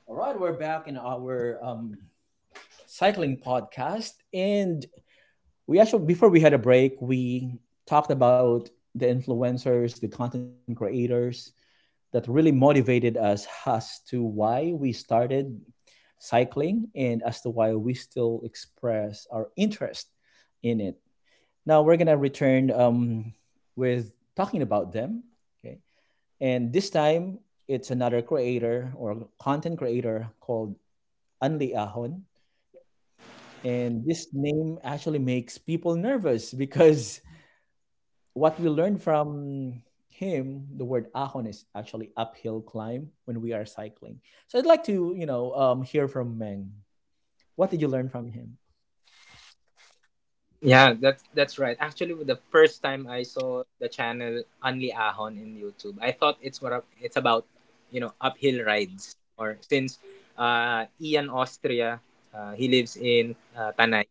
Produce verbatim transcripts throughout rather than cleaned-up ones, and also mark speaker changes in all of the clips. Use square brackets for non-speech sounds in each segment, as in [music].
Speaker 1: All right, we're back in our um, cycling podcast, and we actually before we had a break, we talked about the influencers, the content creators that really motivated us as to why we started cycling and as to why we still express our interest in it. Now we're gonna return um, with talking about them. Okay, and this time it's another creator or content creator called Anli Ahon. And this name actually makes people nervous because what we learned from him, the word ahon is actually uphill climb when we are cycling. So I'd like to, you know, um, hear from Meng. What did you learn from him?
Speaker 2: Yeah, that's that's right. Actually, the first time I saw the channel Only Ahon in YouTube, I thought it's what it's about, you know, uphill rides. Or since uh, Ian Austria, uh, he lives in uh, Tanay,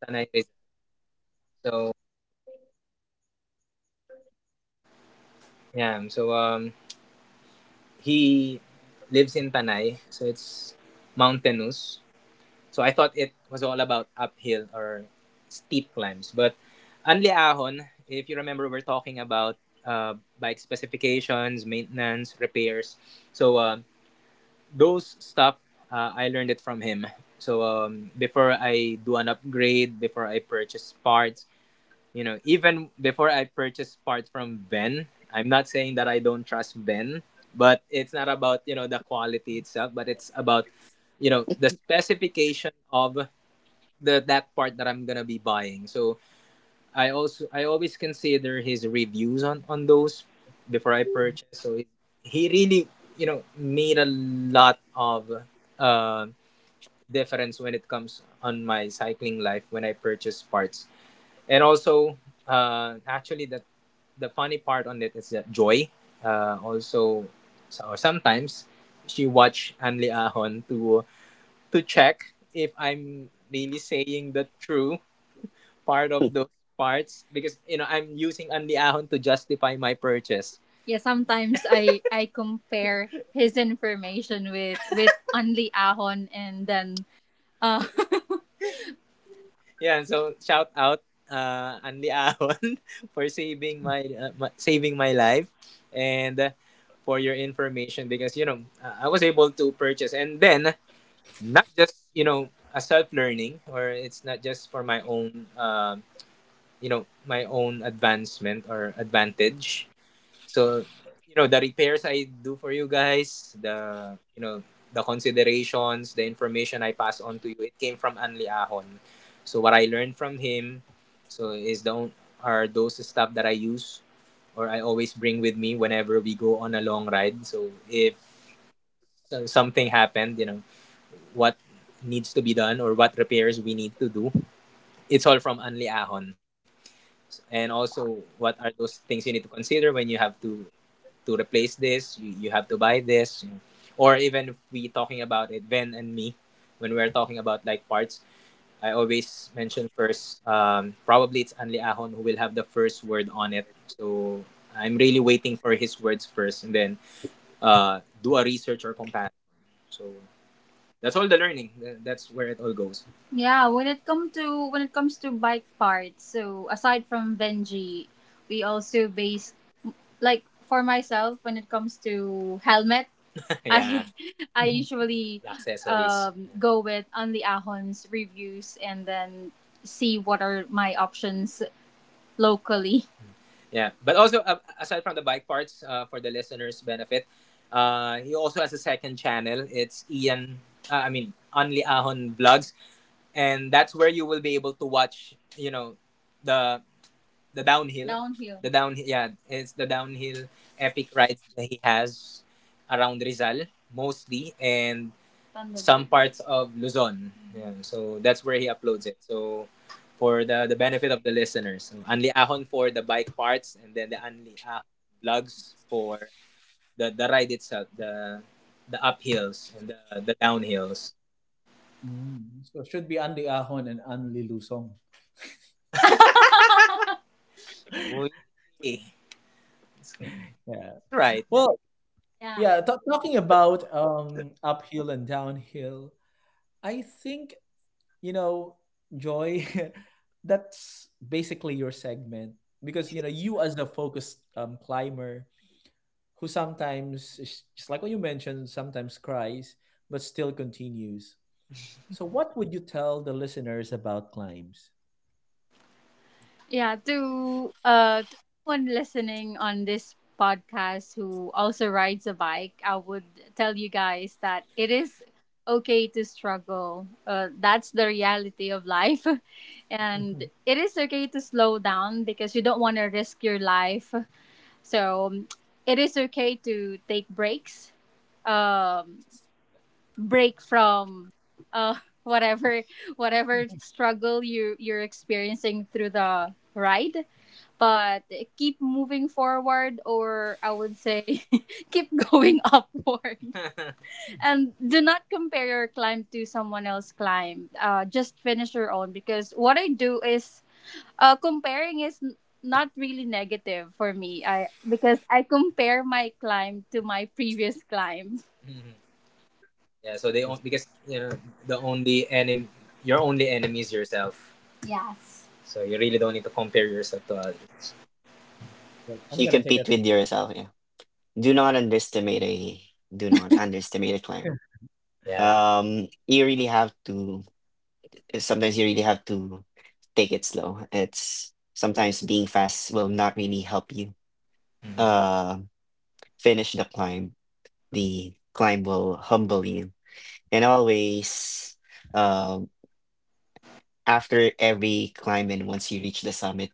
Speaker 2: Tanay Rizal. So yeah, so um, he lives in Tanay, so it's mountainous. So I thought it was all about uphill or steep climbs. But Anli Ahon, if you remember, we're talking about uh, bike specifications, maintenance, repairs. So uh, those stuff, uh, I learned it from him. So um, before I do an upgrade, before I purchase parts, you know, even before I purchase parts from Ben, I'm not saying that I don't trust Ben, but it's not about you know the quality itself, but it's about you know the specification of the that part that I'm gonna be buying. So I also I always consider his reviews on on those before I purchase. So he he really you know made a lot of uh, difference when it comes on my cycling life when I purchase parts. And also uh, actually the the funny part on it is that Joy, uh, also, so sometimes she watch Anli Ahon to to check if I'm really saying the true part of those parts because you know I'm using Andy Ahon to justify my purchase. Yeah, sometimes I [laughs] I compare his information with with Anli Ahon and then uh [laughs] yeah, so shout out uh Andy Ahon [laughs] for saving my, uh, my saving my life and uh, for your information because you know uh, I was able to purchase, and then not just you know a self learning, or it's not just for my own um you know my own advancement or advantage. So you know the repairs I do for you guys, the you know the considerations, the information I pass on to you, it came from Anli Ahon. So what I learned from him, so is the on- are those stuff that I use or I always bring with me whenever we go on a long ride. So if so- something happened, you know what needs to be done or what repairs we need to do, it's all from Anli Ahon. And also, what are those things you need to consider when you have to to replace this, you, you have to buy this you know. Or even if we talking about it, Ben and me, when we're talking about like parts, I always mention first. Um, probably it's Anli Ahon who will have the first word on it, so I'm really waiting for his words first, and then, uh, do a research or comparison. So that's all the learning. That's where it all goes. Yeah, when it comes to when it comes to bike parts, so aside from Benji, we also based, like for myself when it comes to helmet, [laughs] yeah, I I
Speaker 1: Mhm.
Speaker 2: usually accessories. Um, go with Anli Ahon's reviews and then see what are my options locally. Yeah, but also, uh, aside from the bike parts, uh, for the listeners' benefit, uh, he also has a second channel. It's Ian, uh, I mean Only Ahon Vlogs, and that's where you will be able to watch, you know, the the downhill downhill. The downhill yeah, it's the downhill epic rides that he has around Rizal mostly, and some Thunderbird parts of Luzon. Yeah, so that's where he uploads it. So, for the the benefit of the listeners, so Anli Ahon for the bike parts, and then the Anli Ahon vlogs for the the ride itself, the the uphills and the the downhills.
Speaker 1: Mm. So it should be Andy Ahon and Anli Lusong.
Speaker 2: [laughs] Uy,
Speaker 1: [laughs]
Speaker 2: it's, it's
Speaker 1: Yeah.
Speaker 2: right
Speaker 1: Well,
Speaker 2: yeah.
Speaker 1: yeah, ta talking about um, uphill and downhill, I think, you know, Joy, [laughs] that's basically your segment because, you know, you as the focused um, climber who sometimes, is- just like what you mentioned, sometimes cries, but still continues. So, what would you tell the listeners about climbs?
Speaker 2: Yeah, to uh to anyone listening on this podcast who also rides a bike, I would tell you guys that it is okay to struggle. Uh, that's the reality of life. [laughs] And
Speaker 1: [laughs]
Speaker 2: it is okay to slow down because you don't want to risk your life. So, um, it is okay to take breaks. Um Break from uh [laughs] whatever whatever struggle you you're experiencing through the ride, but keep moving forward, or I would say [laughs] keep going upward, [laughs] and do not compare your climb to someone else's climb. Uh, just finish your own, because what I do is, uh, comparing is n- not really negative for me. I because i compare my climb to my previous climb. [laughs] Mhm. Yeah, so they own,
Speaker 1: that's,
Speaker 2: because you know the only enemy, your only enemy is yourself. Yes. So you really don't need to compare yourself to others.
Speaker 1: that,
Speaker 3: So
Speaker 1: I'm
Speaker 3: You
Speaker 1: going to say
Speaker 3: compete
Speaker 1: that.
Speaker 3: with yourself. Yeah. Do not underestimate a do not underestimate a climb.
Speaker 2: Yeah.
Speaker 3: Um, you really have to. Sometimes you really have to take it slow. It's sometimes being fast will not really help you.
Speaker 2: Mm.
Speaker 3: Uh, Finish the climb. The climb will humble you, and always, um, after every climb and once you reach the summit,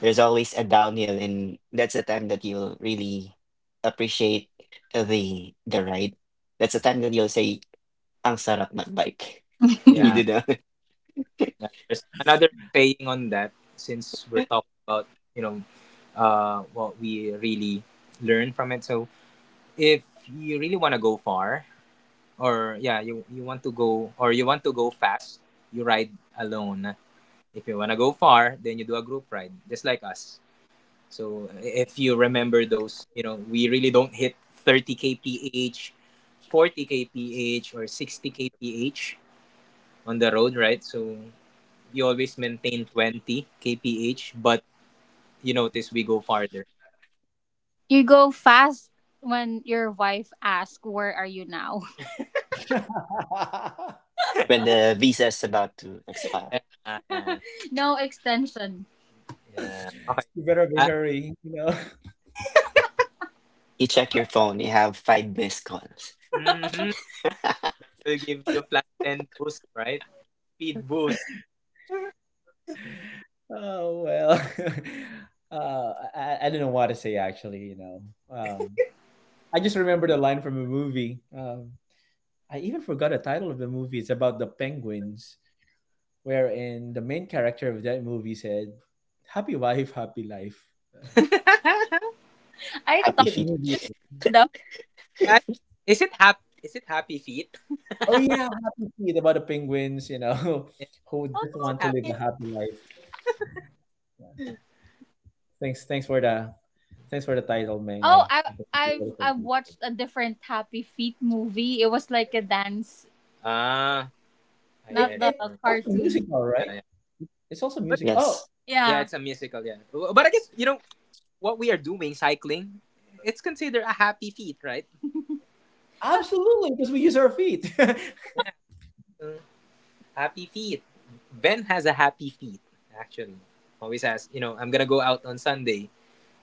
Speaker 3: there's always a downhill, and that's the time that you'll really appreciate the the ride. That's the time that you'll say, ang sarap magbike. [laughs] And you
Speaker 2: Yeah,
Speaker 3: do that
Speaker 2: yeah. There's another saying on that. Since we're talking about, you know, uh, what we really learn from it. So if you really want to go far, or yeah, you, you want to go or you want to go fast, you ride alone. If you want to go far, then you do a group ride, just like us. So, i- if you remember those, you know, we really don't hit thirty k p h, forty k p h or sixty k p h on the road, right? So you always maintain twenty k p h, but you notice we go farther. You go fast when your wife asks, "Where are you now?"
Speaker 1: [laughs]
Speaker 3: [laughs] when
Speaker 2: [laughs]
Speaker 3: the visa is about to expire.
Speaker 2: Yeah. Yeah. No extension. Yeah. Okay.
Speaker 1: You better be
Speaker 2: Uh,
Speaker 1: hurrying, you know.
Speaker 3: You check your phone, you have five missed calls.
Speaker 2: [laughs] mhm. We'll give you a plus ten boost, right? Speed boost.
Speaker 1: Oh well, [laughs] uh, I, I don't know what to say actually. You know, um, I just remember the line from a movie. Um, I even forgot the title of the movie. It's about the penguins, wherein the main character of that movie said, "Happy wife, happy life."
Speaker 2: [laughs]
Speaker 1: Uh,
Speaker 2: I thought it
Speaker 3: Happy
Speaker 1: what's
Speaker 2: was
Speaker 1: that
Speaker 3: feet.
Speaker 1: movie?
Speaker 2: just made up. I- Is it hap? Is it happy feet?
Speaker 1: Oh yeah, Happy Feet about the penguins. You know,
Speaker 2: Yeah.
Speaker 1: [laughs] who
Speaker 2: Oh, is,
Speaker 1: just
Speaker 2: oh,
Speaker 1: want
Speaker 2: it
Speaker 1: to live a
Speaker 2: happy.
Speaker 1: happy life. Yeah. Thanks, thanks for the, thanks for the title, man.
Speaker 2: Oh,
Speaker 1: I,
Speaker 2: I
Speaker 1: I
Speaker 2: I've
Speaker 1: completely forgot
Speaker 2: I've
Speaker 1: it.
Speaker 2: watched a different Happy Feet movie. It was like a dance. Ah, I not
Speaker 1: It
Speaker 2: get it. The
Speaker 1: it's
Speaker 2: remember.
Speaker 1: also
Speaker 2: Cartoon.
Speaker 1: musical, right?
Speaker 2: Yeah, yeah.
Speaker 1: It's also
Speaker 2: But
Speaker 1: music. Oh,
Speaker 3: Yes.
Speaker 2: yeah, yeah, it's a musical. Yeah, W- but I guess you know what we are doing, cycling. It's considered a happy feat, right? Happy.
Speaker 1: absolutely, because we use our feet.
Speaker 2: Mm. Happy feet. Ben has a happy feet. Actually, always has. You know, I'm gonna go out on Sunday.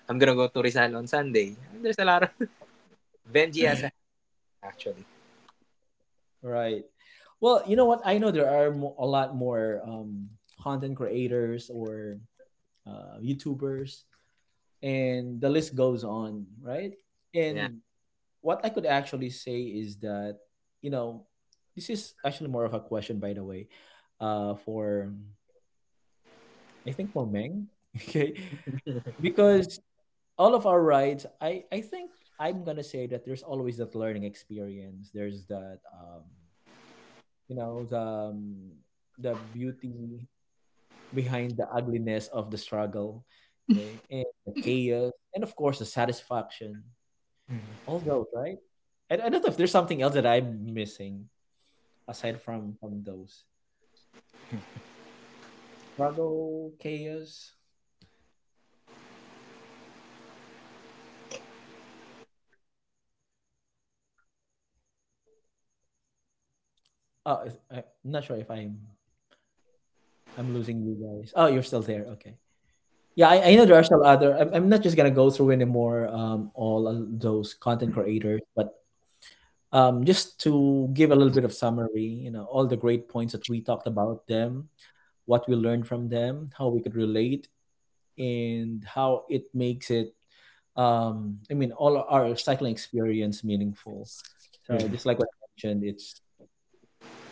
Speaker 2: I'm gonna go to Rizal on Sunday. There's a lot of [laughs] Benji has a, actually.
Speaker 1: [laughs] Right. Well, you know what? I know there are mo- a lot more um, content creators or uh, YouTubers, and the list goes on, right?
Speaker 2: Yeah.
Speaker 1: And what I could actually say is that, you know, this is actually more of a question, by the way, uh, for I think for Meng, [laughs] okay, because all of our rides i i think I'm gonna say that there's always that learning experience. There's that um you know the um, the beauty behind the ugliness of the struggle, okay, and the chaos, and of course the satisfaction,
Speaker 2: Mhm,
Speaker 1: all those, right? i, I don't know if there's something else that I'm missing aside from from those struggle, chaos. Oh if, I, I'm not sure if i'm I'm losing you guys. Oh, you're still there. Okay. Yeah, I, I know there are some other. I'm, I'm not just gonna go through anymore um, all of those content creators, but um, just to give a little bit of summary, you know, all the great points that we talked about them, what we learned from them, how we could relate, and how it makes it. Um, I mean, all our cycling experience meaningful. So
Speaker 2: mhm,
Speaker 1: just like what I mentioned, it's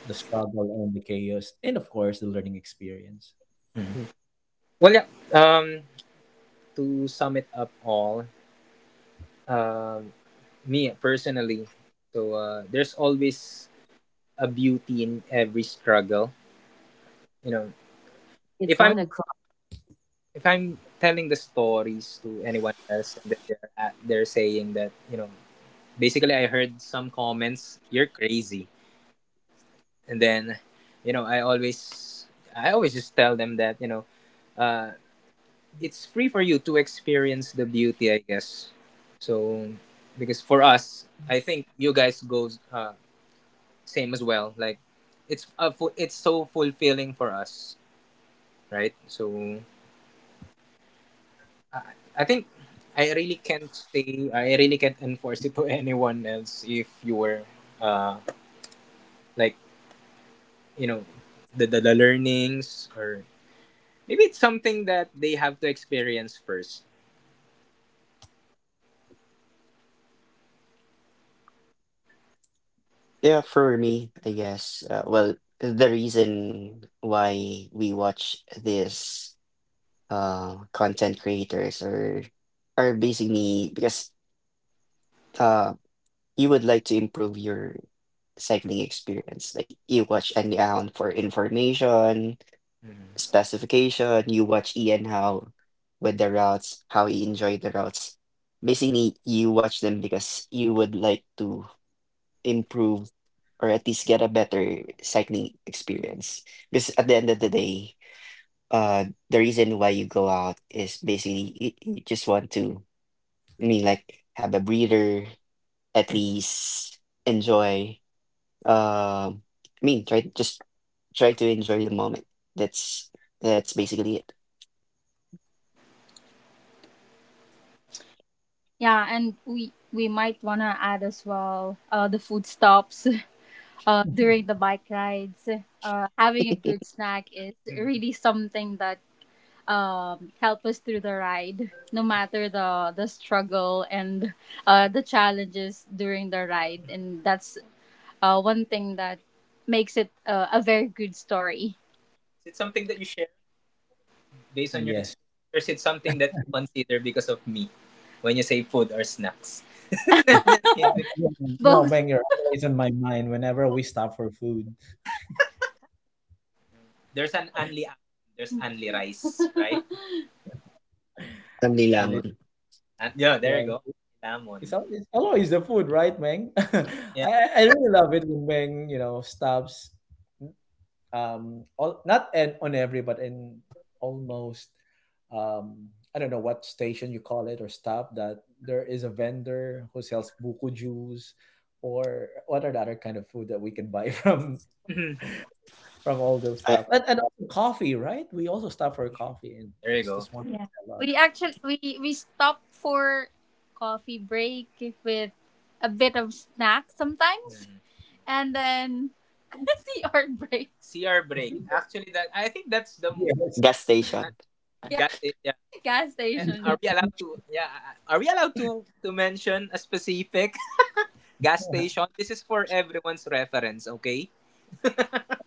Speaker 1: the struggle and the chaos, and of course the learning experience.
Speaker 2: mhm.
Speaker 3: Mm.
Speaker 2: Well, yeah. Um, to sum it up all, um, me personally, so, uh, there's always a beauty in every struggle. You know,
Speaker 1: It's
Speaker 2: if I'm
Speaker 1: one o'clock.
Speaker 2: if I'm telling the stories to anyone else, and then they're at, they're saying that you know basically I heard some comments, you're crazy, and then you know I always I always just tell them that you know uh, it's free for you to experience the beauty, I guess. So, because for us I think you guys goes, uh, same as well. Like, it's a fu- it's so fulfilling for us, right? So I, I think I really can't say I really can't enforce it [laughs] to anyone else, if you were uh like, you know the the, the learnings, or maybe it's something that they have to experience first.
Speaker 3: Yeah, for me, I guess. Uh, well, the reason why we watch this uh content creators are are basically because uh. you would like to improve your cycling experience. Like you watch Andy Allen for information, specification, you watch Ian Howe with the routes, how he enjoyed the routes. Basically, you watch them because you would like to improve or at least get a better cycling experience. Because at the end of the day, uh, the reason why you go out is basically you, you just want to, I mean, like have a breather, at least enjoy um, I mean, try just try to enjoy the moment. That's that's basically it.
Speaker 2: Yeah, and we we might wanna add as well, uh, the food stops [laughs] uh,
Speaker 1: [laughs]
Speaker 2: during the bike rides. Uh, having a good snack is Mhm. really something that um, help us through the ride, no matter the the struggle, and uh, the challenges during the ride. And that's, uh, one thing that makes it, uh, a very good story. Is it something that you share based on your
Speaker 1: Yes.
Speaker 2: experience? Or is it something that you consider because of me when you say food or snacks?
Speaker 1: You
Speaker 2: [laughs]
Speaker 1: know,
Speaker 2: Both.
Speaker 1: man, you're always on my mind whenever we stop for food,
Speaker 2: There's an Anli, there's Anli rice, right? [laughs]
Speaker 3: Ang
Speaker 1: and it,
Speaker 3: nilaman.
Speaker 2: And, yeah, there you
Speaker 1: yeah,
Speaker 2: go.
Speaker 1: it's,
Speaker 2: Lemon.
Speaker 1: al- it's always the food, right, Meng? [laughs] I,
Speaker 2: Yeah.
Speaker 1: I really love it when Meng, you know, stops, um, all, not and on every, but in almost, um, I don't know what station you call it or stop that there is a vendor who sells buko juice, or what are the other kind of food that we can buy [laughs] from
Speaker 2: [laughs] [clears throat]
Speaker 1: from all those
Speaker 3: Uh,
Speaker 1: stuff, and and also coffee, right? We also stop for coffee, and
Speaker 2: There you
Speaker 1: that's
Speaker 2: go.
Speaker 1: just one thing
Speaker 2: Yeah.
Speaker 1: I love.
Speaker 2: We,
Speaker 1: Yeah.
Speaker 2: actually, we we stopped for coffee break with a bit of snack sometimes. Mhm. And then [laughs] C R break. C R break. Actually, that, I think that's the
Speaker 1: Yes.
Speaker 3: gas
Speaker 2: that.
Speaker 3: station.
Speaker 2: Yeah. gas sta- yeah. Gas, Eh, station. Are we allowed to?
Speaker 1: [laughs]
Speaker 2: Yeah. Are we allowed to to mention a specific [laughs] gas station? This is for everyone's reference. Okay.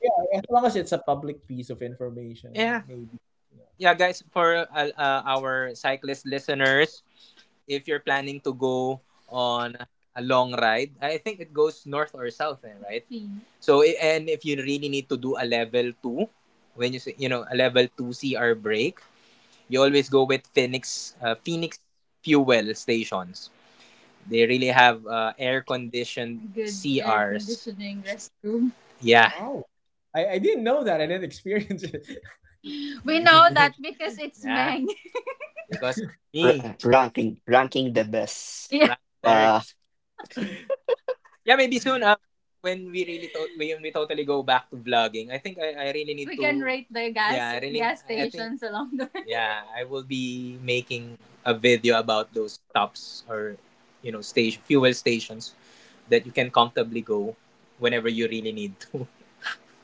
Speaker 1: Yeah, as long as it's a public piece of information,
Speaker 2: Yeah.
Speaker 1: maybe. Yeah.
Speaker 2: Yeah, guys. For uh, uh, our cyclist listeners, if you're planning to go on a long ride, I think it goes north or south, eh, right? Mm. So, i- and if you really need to do a level two, when you say, you know, a level two C R break, you always go with Phoenix, uh, Phoenix fuel stations. They really have, uh, air conditioned. Good air C Rs. Conditioning restroom. Yeah.
Speaker 1: Oh. I, I didn't know that. I didn't experience it.
Speaker 2: We know that [laughs] because it's, yeah. Meng. [laughs] Because of
Speaker 3: R-
Speaker 2: me.
Speaker 3: uh,
Speaker 2: [laughs]
Speaker 3: ranking ranking the best.
Speaker 2: Yeah. Right. There.
Speaker 3: Uh,
Speaker 1: [laughs]
Speaker 2: Yeah, maybe soon. Um, when we really to- when we totally go back to vlogging, I think I, I really need. We to. Can rate the gas. Yeah, I really, gas, I- I think- stations along the way. [laughs] Yeah, I will be making a video about those stops, or you know station fuel stations that you can comfortably go whenever you really need to.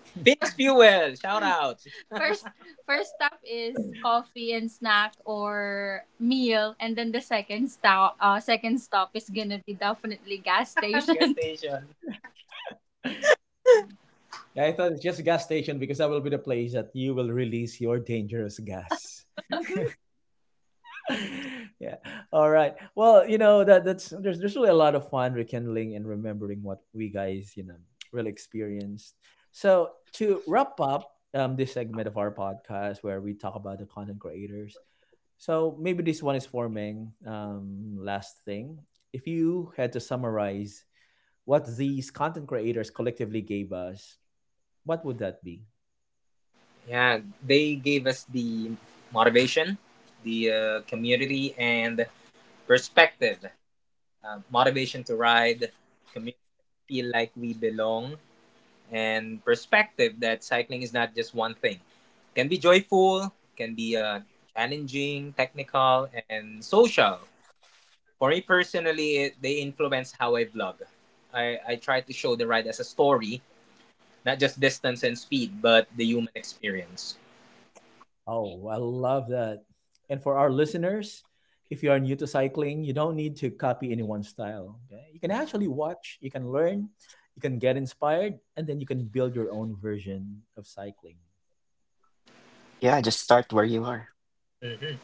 Speaker 2: [laughs] Phoenix Fuel, shout out. [laughs] First first stop is coffee and snack or meal, and then the second stop, uh second stop is gonna be definitely gas. [laughs] Gas station. [laughs] Station.
Speaker 1: Yeah, I thought it's just a gas station because that will be the place that you will release your dangerous gas. [laughs] Yeah. All right. Well, you know that that's there's there's really a lot of fun rekindling and remembering what we guys, you know, really experienced. So to wrap up um, this segment of our podcast where we talk about the content creators, so maybe this one is for Meng. Um, last thing, if you had to summarize what these content creators collectively gave us, what would that be?
Speaker 2: Yeah, they gave us the motivation, the, uh, community, and perspective. Uh, motivation to ride, community feel like we belong, and perspective that cycling is not just one thing. Can be joyful, can be uh, challenging, technical, and social. For me personally, it, they influence how I vlog. I, I try to show the ride as a story, not just distance and speed, but the human experience.
Speaker 1: Oh, I love that. And for our listeners, if you are new to cycling, you don't need to copy anyone's style. Okay? You can actually watch, you can learn, you can get inspired, and then you can build your own version of cycling.
Speaker 3: yeah, just start where you are.
Speaker 2: Mhm.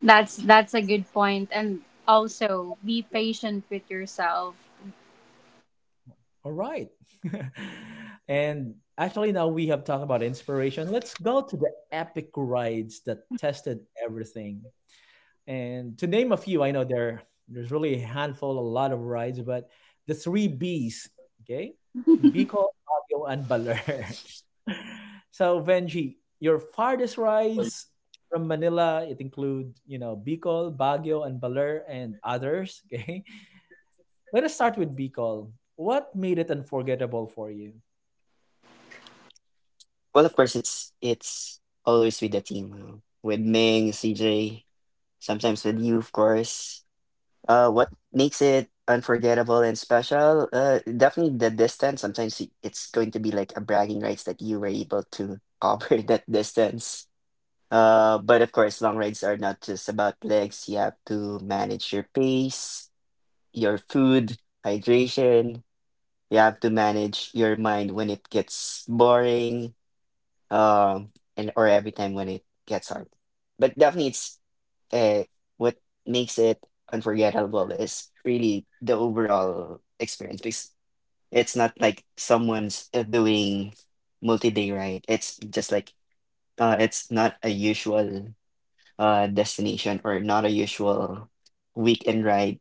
Speaker 2: That's that's a good point. And also be patient with yourself.
Speaker 1: All right. [laughs] And actually, now we have talked about inspiration. Let's go to the epic rides that tested everything. And to name a few, I know there there's really a handful, a lot of rides, but the three Bs, okay, Bicol, Baguio, and Baler. [laughs] So Venji, your farthest
Speaker 2: Well,
Speaker 1: rides from Manila, it include you know Bicol, Baguio, and Baler, and others. Okay, [laughs] let us start with Bicol. What made it unforgettable for you?
Speaker 3: Well, of course, it's it's always with the team, uh, with Ming, C J, sometimes with you, of course. Uh, what makes it unforgettable and special? Uh, definitely the distance. Sometimes it- it's going to be like a bragging rights that you were able to cover [laughs] that distance. Uh, but of course, long rides are not just about legs. You have to manage your pace, your food, hydration. You have to manage your mind when it gets boring, um, and or every time when it gets hard. But definitely, it's uh, what makes it unforgettable is really the overall experience, because it's not like someone's uh, doing multi-day ride. It's just like uh, it's not a usual uh, destination or not a usual weekend ride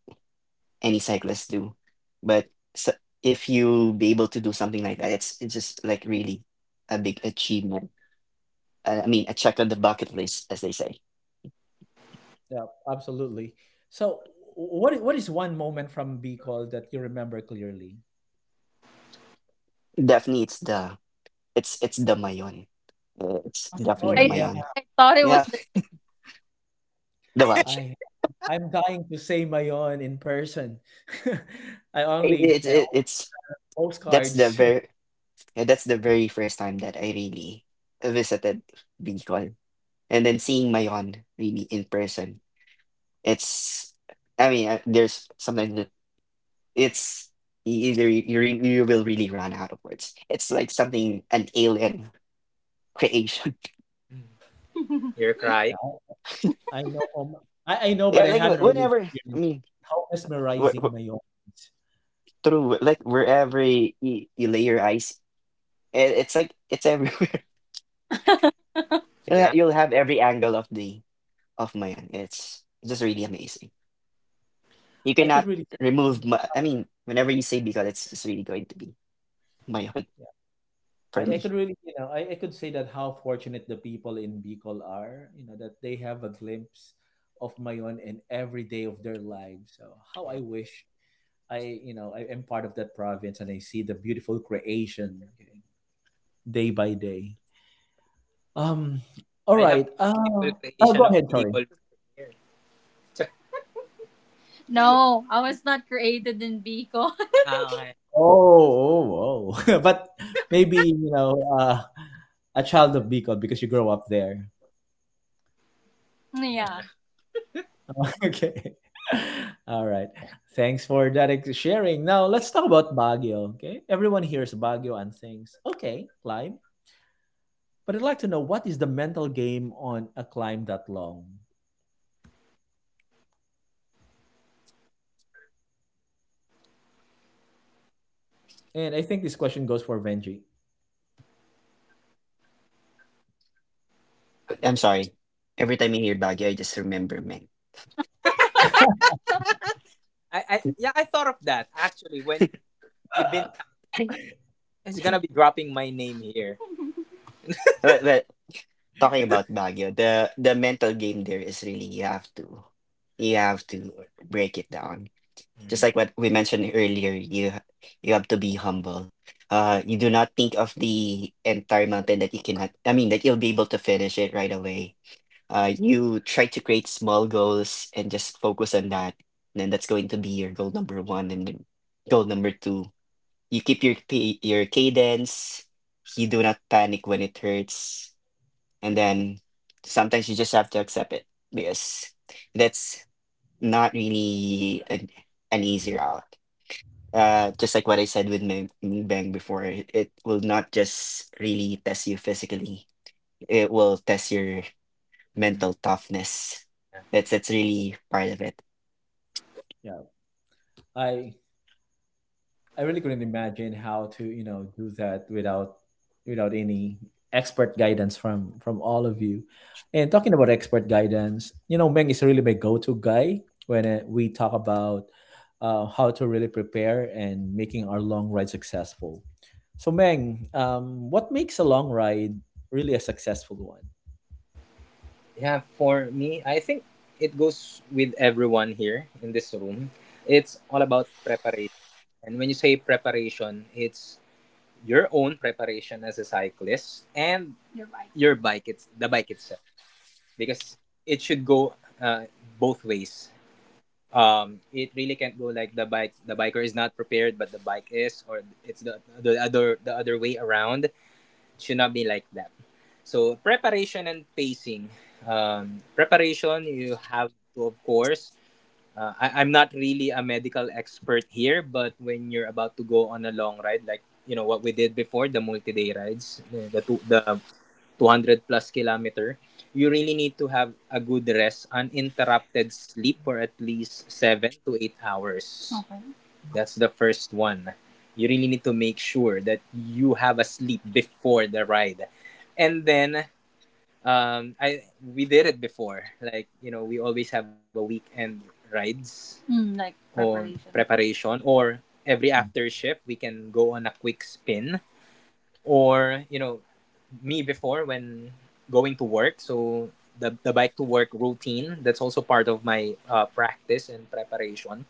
Speaker 3: any cyclists do. But so if you be able to do something like that, it's it's just like really a big achievement. Uh, I mean, a check on the bucket list, as they say.
Speaker 1: Yeah, absolutely. So, what i- what is one moment from Bicol that you remember clearly?
Speaker 3: Definitely, it's the it's it's the Mayon. Uh, It's
Speaker 1: Oh
Speaker 3: definitely the
Speaker 2: I
Speaker 1: yeah,
Speaker 3: Mayon.
Speaker 2: I thought it
Speaker 3: Yeah,
Speaker 2: was the
Speaker 3: [laughs] the watch.
Speaker 1: I I'm dying to say Mayon in person. [laughs] I only
Speaker 3: It's
Speaker 1: I
Speaker 3: it,
Speaker 1: only
Speaker 3: it's that's the
Speaker 1: postcards.
Speaker 3: very
Speaker 1: [laughs]
Speaker 3: yeah, that's the very first time that I really visited Bicol, and then seeing Mayon really in person, It's, I mean, I, there's something that it's e- either you, you, re- you will really run out of words. It's like something, an alien creation.
Speaker 2: mm, same. [laughs] You're crying.
Speaker 1: Yeah, I know um, I, I
Speaker 3: [laughs]
Speaker 1: know,
Speaker 3: yeah,
Speaker 1: but I
Speaker 3: like wh-
Speaker 1: haven't really
Speaker 3: whenever, I
Speaker 1: experienced
Speaker 3: mean,
Speaker 1: how
Speaker 3: wh-
Speaker 1: mesmerizing
Speaker 3: wh-
Speaker 1: Mayon is.
Speaker 3: through, wh- like wherever you, you lay your eyes, it, it's like, it's everywhere. [laughs] You'll, ha-
Speaker 2: Yeah.
Speaker 3: you'll have every angle of the, of Mayan. It's just really amazing. You
Speaker 1: I
Speaker 2: Yeah.
Speaker 1: could
Speaker 3: cannot
Speaker 1: really.
Speaker 3: remove, Ma- I mean, whenever you say Bicol, it's just really going to be Mayan [laughs] for
Speaker 1: I, I
Speaker 3: me.
Speaker 1: could really, you know, I, I could say that how fortunate the people in Bicol are, you know, that they have a glimpse of Mayon in every day of their lives. So how I
Speaker 2: Yeah.
Speaker 1: wish I, you know, I am part of that province and I see the beautiful creation, okay, day by day. Um, all
Speaker 2: I have
Speaker 1: right.
Speaker 2: the
Speaker 1: Uh,
Speaker 2: beautiful
Speaker 1: oh, go
Speaker 2: creation of
Speaker 1: ahead. Sorry.
Speaker 2: Bicol here. [laughs] No, I was not created in Bicol. [laughs] Ah, okay.
Speaker 1: Oh, oh, oh. [laughs] But maybe, you know, uh, a child of Bicol because you grow up there.
Speaker 2: Yeah. Yeah.
Speaker 1: Okay. [laughs] All right. Thanks for that ex- sharing. Now let's talk about Baguio. Okay. Everyone hears Baguio and thinks, okay, climb. But I'd like to know what is the mental game on a climb that long? And I think this question goes for Benji.
Speaker 3: I'm sorry. Every time I hear Baguio, I just remember men.
Speaker 2: I, I yeah, I thought of that actually when you've been
Speaker 3: [laughs]
Speaker 2: it's gonna be dropping my name here. [laughs]
Speaker 3: Well, well, talking about Baguio, the the mental game there is really you have to you have to break it down. Just
Speaker 2: Mhm.
Speaker 3: like what we mentioned earlier, you ha- you have to be humble. Uh, you do not think of the entire mountain that you cannot. I mean, that you'll be able to finish it right away. Uh, you try to create small goals and just focus on that. And then that's going to be your goal number one, and then goal number two. You keep your pa- your cadence. You do not panic when it hurts, and then sometimes you just have to accept it, because that's not really an, an easy route. Uh, just like what I said with my bang before, it, it will not just really test you physically, it will test your
Speaker 2: Mhm.
Speaker 3: mental toughness. that's that's really part of it.
Speaker 1: Yeah. I I really couldn't imagine how to, you know, do that without without any expert guidance from from all of you. And talking about expert guidance, you know, Meng is really my go-to guy when uh, we talk about uh, how to really prepare and making our long ride successful. So Meng, um, what makes a long ride really a successful one.
Speaker 2: Yeah, for me, I think it goes with everyone here in this room. It's all about preparation. And when you say preparation, it's your own preparation as a cyclist and Your bike. your bike, it's the bike itself. Because it should go uh, both ways. Um, it really can't go like the bike the biker is not prepared but the bike is or it's the the other the other way around should not be like that. So preparation and pacing. Um, preparation, you have to, of course. Uh, I, I'm not really a medical expert here, but when you're about to go on a long ride, like you know what we did before, the multi-day rides, the two, the two hundred plus kilometer, you really need to have a good rest, uninterrupted sleep for at least seven to eight hours. Okay. That's the first one. You really need to make sure that you have a sleep before the ride. And then um, I we did it before. Like, you know, we always have a weekend rides mm, like or preparation. preparation or every after shift we can go on a quick spin or you know me before when going to work. So the, the bike to work routine, that's also part of my uh, practice and preparation.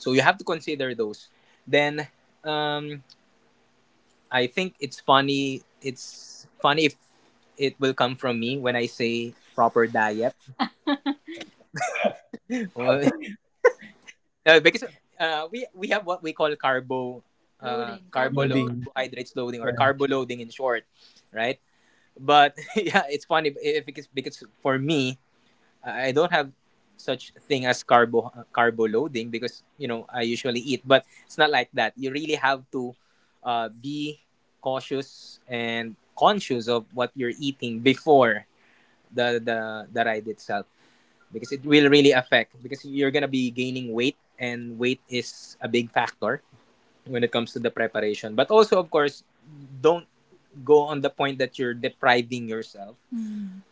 Speaker 2: So you have to consider those. Then um, I think it's funny. It's funny if it will come from me when I say proper diet. [laughs] No, because uh, we we have what we call carbo uh, Loading, carbo carbo lo- load.
Speaker 1: Loading.
Speaker 2: Carbohydrates loading or
Speaker 1: Yeah.
Speaker 2: carbo loading in short, right? But [laughs] yeah, it's funny if it's because for me I don't have such thing as carbo carbo loading because you know I usually eat, but it's not like that. You really have to uh, be cautious and conscious of what you're eating before the, the the ride itself because it will really affect because you're gonna be gaining weight and weight is a big factor when it comes to the preparation. But also, of course, don't go on the point that you're depriving yourself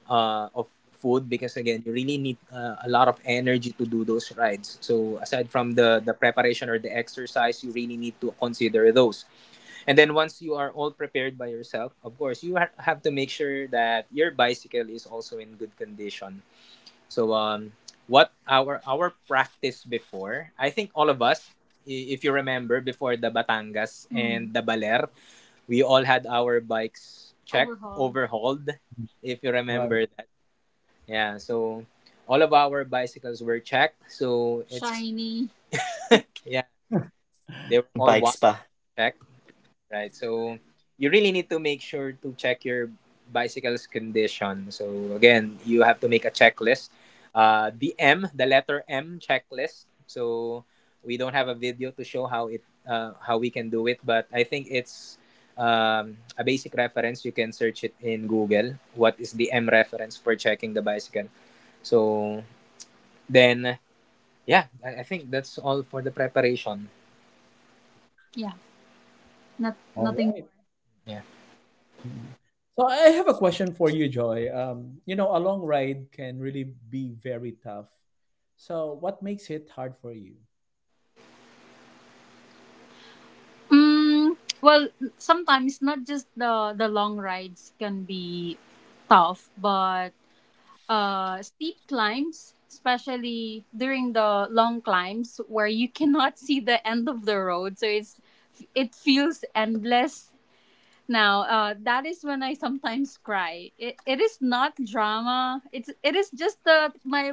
Speaker 2: uh, of food because again you really need uh, a lot of energy to do those rides, so aside from the the preparation or the exercise you really need to consider those. And then once you are all prepared by yourself, of course you ha- have to make sure that your bicycle is also in good condition. So um what our our practice before, I think all of us, i- if you remember before the Batangas mm, and the Baler, we all had our bikes checked overhauled overhauled, if you
Speaker 1: Right.
Speaker 2: remember that. Yeah, so all of our bicycles were checked. So it's shiny. Yeah, they were all
Speaker 3: Bike
Speaker 2: washed
Speaker 3: spa.
Speaker 2: checked, right? So you really need to make sure to check your bicycle's condition. So again, you have to make a checklist. Uh, the M, the letter M checklist. So we don't have a video to show how it uh, how we can do it, but I think it's um, a basic reference. You can search it in Google. What is the M reference for checking the bicycle? So then yeah, I, I think that's all for the preparation. Yeah, not
Speaker 1: All
Speaker 2: nothing
Speaker 1: right.
Speaker 2: more. Yeah.
Speaker 1: Mm. So I have a question for you, Joy. Um, you know, a long ride can really be very tough. So what makes it hard for you?
Speaker 2: Mm, well, sometimes not just the the long rides can be tough, but uh steep climbs, especially during the long climbs where you [laughs] cannot see the end of the road, so it's it feels endless. Now, uh, that is when I sometimes cry. It, it is not drama. It's it is just the my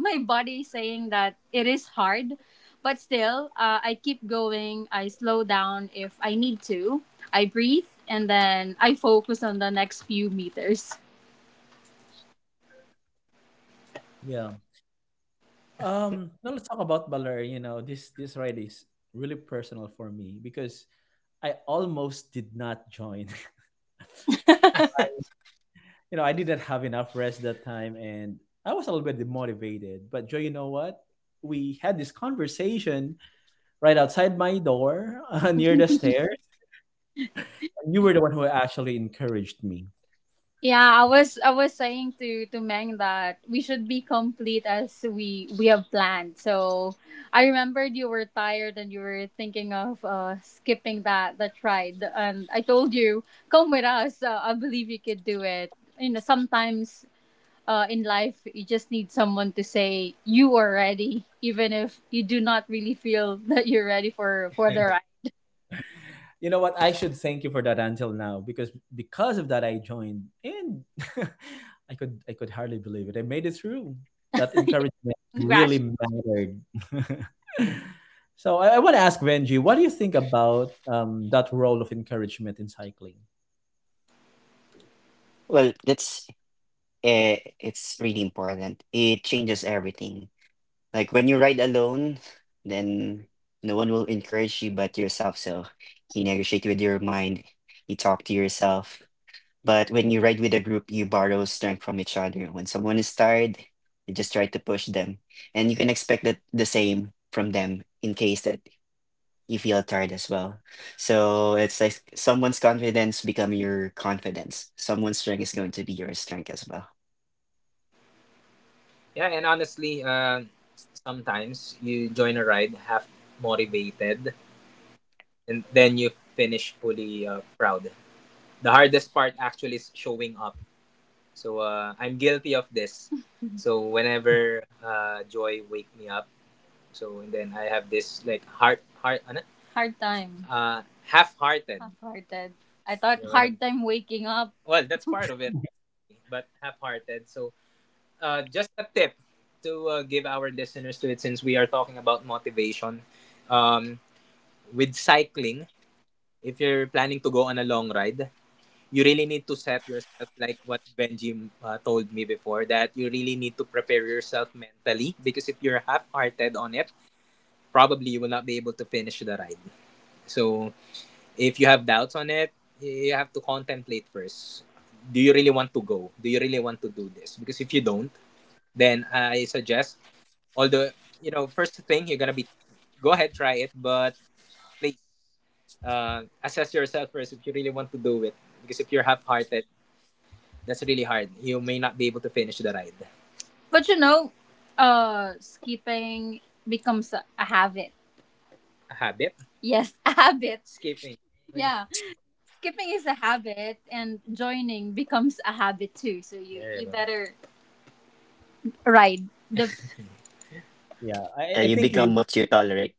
Speaker 2: my body saying that it is hard, but still, uh, I keep going. I slow down if I need to. I breathe and then I focus on the next few meters.
Speaker 1: Yeah. Um, now let's talk about Baler. You know, this this ride is really personal for me because I almost did not join. [laughs] You know, I didn't have enough rest that time, and I was a little bit demotivated. But Joy, you know what? We had this conversation right outside my door, [laughs] uh, near the stairs. You were the one who actually encouraged me.
Speaker 2: Yeah, I was I was saying to to Meng that we should be complete as we we have planned. So I remembered you were tired and you were thinking of uh, skipping that that ride, and I told you come with us. Uh, I believe you could do it. You know, sometimes uh, in life you just need someone to say you are ready, even if you do not really feel [laughs] that you're ready for for the
Speaker 1: You know what? I should thank you for that until now because because of that I joined and [laughs] I could I could hardly believe it. I made it through. That encouragement
Speaker 2: [laughs] ride.
Speaker 1: really mattered. [laughs] So I, I want to ask Benji, what do you think about um, that role of encouragement in cycling?
Speaker 3: Well, that's uh, it's really important, it changes everything. Like when you ride alone, then no one will encourage you but yourself. So you negotiate with your mind, you talk to yourself. But when you ride with a group, you borrow strength from each other. When someone is tired, you just try to push them. And you can expect that the same from them in case that you feel tired as well. So it's like someone's confidence become your confidence. Someone's strength is going to be your strength as well.
Speaker 2: Yeah, and honestly, uh, sometimes you join a ride half motivated and then you finish fully uh, proud. The hardest part actually is showing up. So uh, I'm guilty of this. [laughs] So whenever uh, Joy wake me up, so and then I have this like heart heart ano? Hard time. Uh half-hearted. Half-hearted. I thought Diba? Hard time waking up. Well, that's [laughs] part of it, but half-hearted. So uh, just a tip to uh, give our listeners to it since we are talking about motivation, um, with cycling. If you're planning to go on a long ride you really need to set yourself like what Benji uh, told me before, that you really need to prepare yourself mentally, because if you're half-hearted on it probably you will not be able to finish the ride. So if you have doubts on it you have to contemplate first. Do you really want to go, do you really want to do this? Because if you don't, then I suggest, although you know first thing you're gonna be go ahead try it, but please uh, assess yourself first if you really want to do it, because if you're half-hearted that's really hard, you may not be able to finish the ride. But you know, uh, skipping becomes a, a habit. A habit. Yes, [laughs] a habit. Skipping. Yeah, skipping is a habit, and joining becomes a habit too. So you there you you go better ride the
Speaker 1: Yeah, I,
Speaker 3: Yeah,
Speaker 1: I
Speaker 3: you
Speaker 1: think we
Speaker 3: become what you tolerate.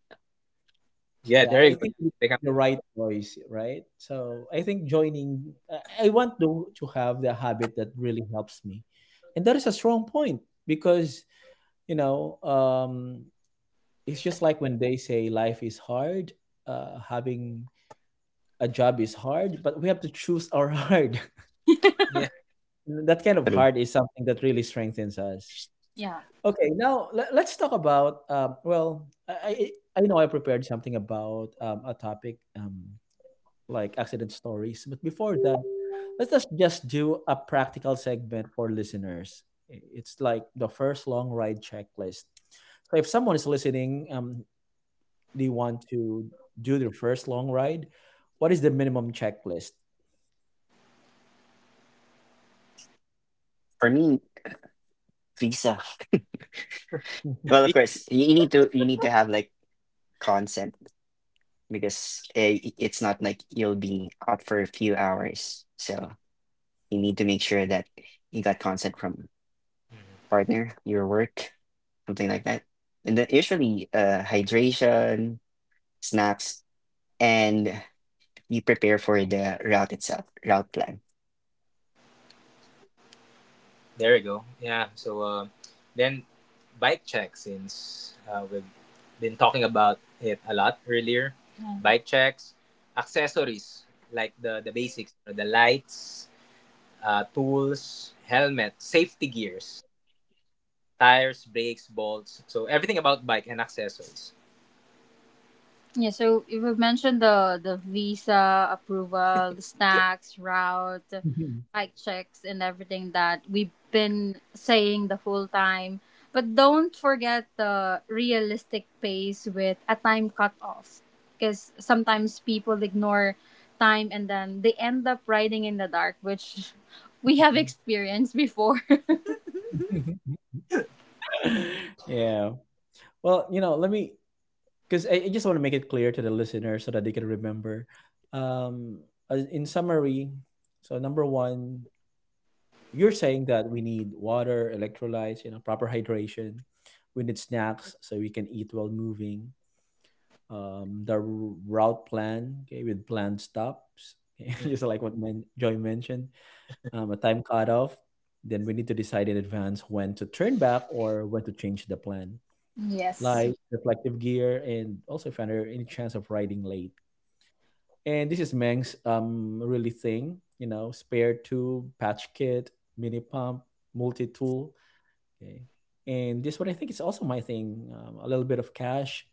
Speaker 2: [laughs] yeah
Speaker 1: yeah,
Speaker 2: there you
Speaker 1: I
Speaker 2: go yeah,
Speaker 1: think we
Speaker 2: become,
Speaker 1: need the right voice, right? So I think joining I I want to to have the habit that really helps me, and that is a strong point because you know um it's just like when they say life is hard. Uh having a job is hard, but we have to choose our [laughs] hard.
Speaker 2: yeah
Speaker 1: That kind of
Speaker 3: True.
Speaker 1: hard is something that really strengthens us.
Speaker 2: [laughs]
Speaker 1: Okay, now let, let's talk about um well i i I know I prepared something about um, a topic um like accident stories, but before that, let's just just do a practical segment for listeners. I- it's like the first long ride checklist. So if someone is listening um, they want to do their first long ride, what is the minimum checklist?
Speaker 3: For me, visa.
Speaker 1: [laughs]
Speaker 3: Well, of
Speaker 2: yeah.
Speaker 3: course, you you need to you need to have like consent, because uh, i- it's not like you'll be out for a few hours. So you need to make sure that you got consent from partner, your work, something like that. And then usually, uh, hydration, snacks, and you prepare for the route itself, route plan.
Speaker 2: There you go. Yeah. So uh, then, bike check. Since uh, we've been talking about it a lot earlier, yeah, bike checks, accessories like the the basics, you know, the lights, uh, tools, helmet, safety gears, tires, brakes, bolts. So everything about bike and accessories. Yeah, so you have mentioned the the visa approval, the snacks, route, bike checks, and everything that we've been saying the whole time. But don't forget the realistic pace with a time cutoff, because sometimes people ignore time and then they end up riding in the dark, which [laughs] we have experienced before. [laughs]
Speaker 1: Yeah. Well, you know, let me because I, I just want to make it clear to the listener so that they can remember. Um, as- in summary, so number one, you're saying that we need water, electrolytes, you know, proper hydration. We need snacks so we can eat while moving. Um, the r- route plan, okay, with planned stops, okay, [laughs] just like what men- Joy mentioned um, a time cutoff. Then we need to decide in advance when to turn back or when to change the plan.
Speaker 2: Yes.
Speaker 1: Like reflective gear, and also if under any chance of riding late. And this is Meng's um really thing, you know, spare tube, patch kit, mini pump, multi tool. Okay, and this one I think is also my thing. Um, a little bit of cash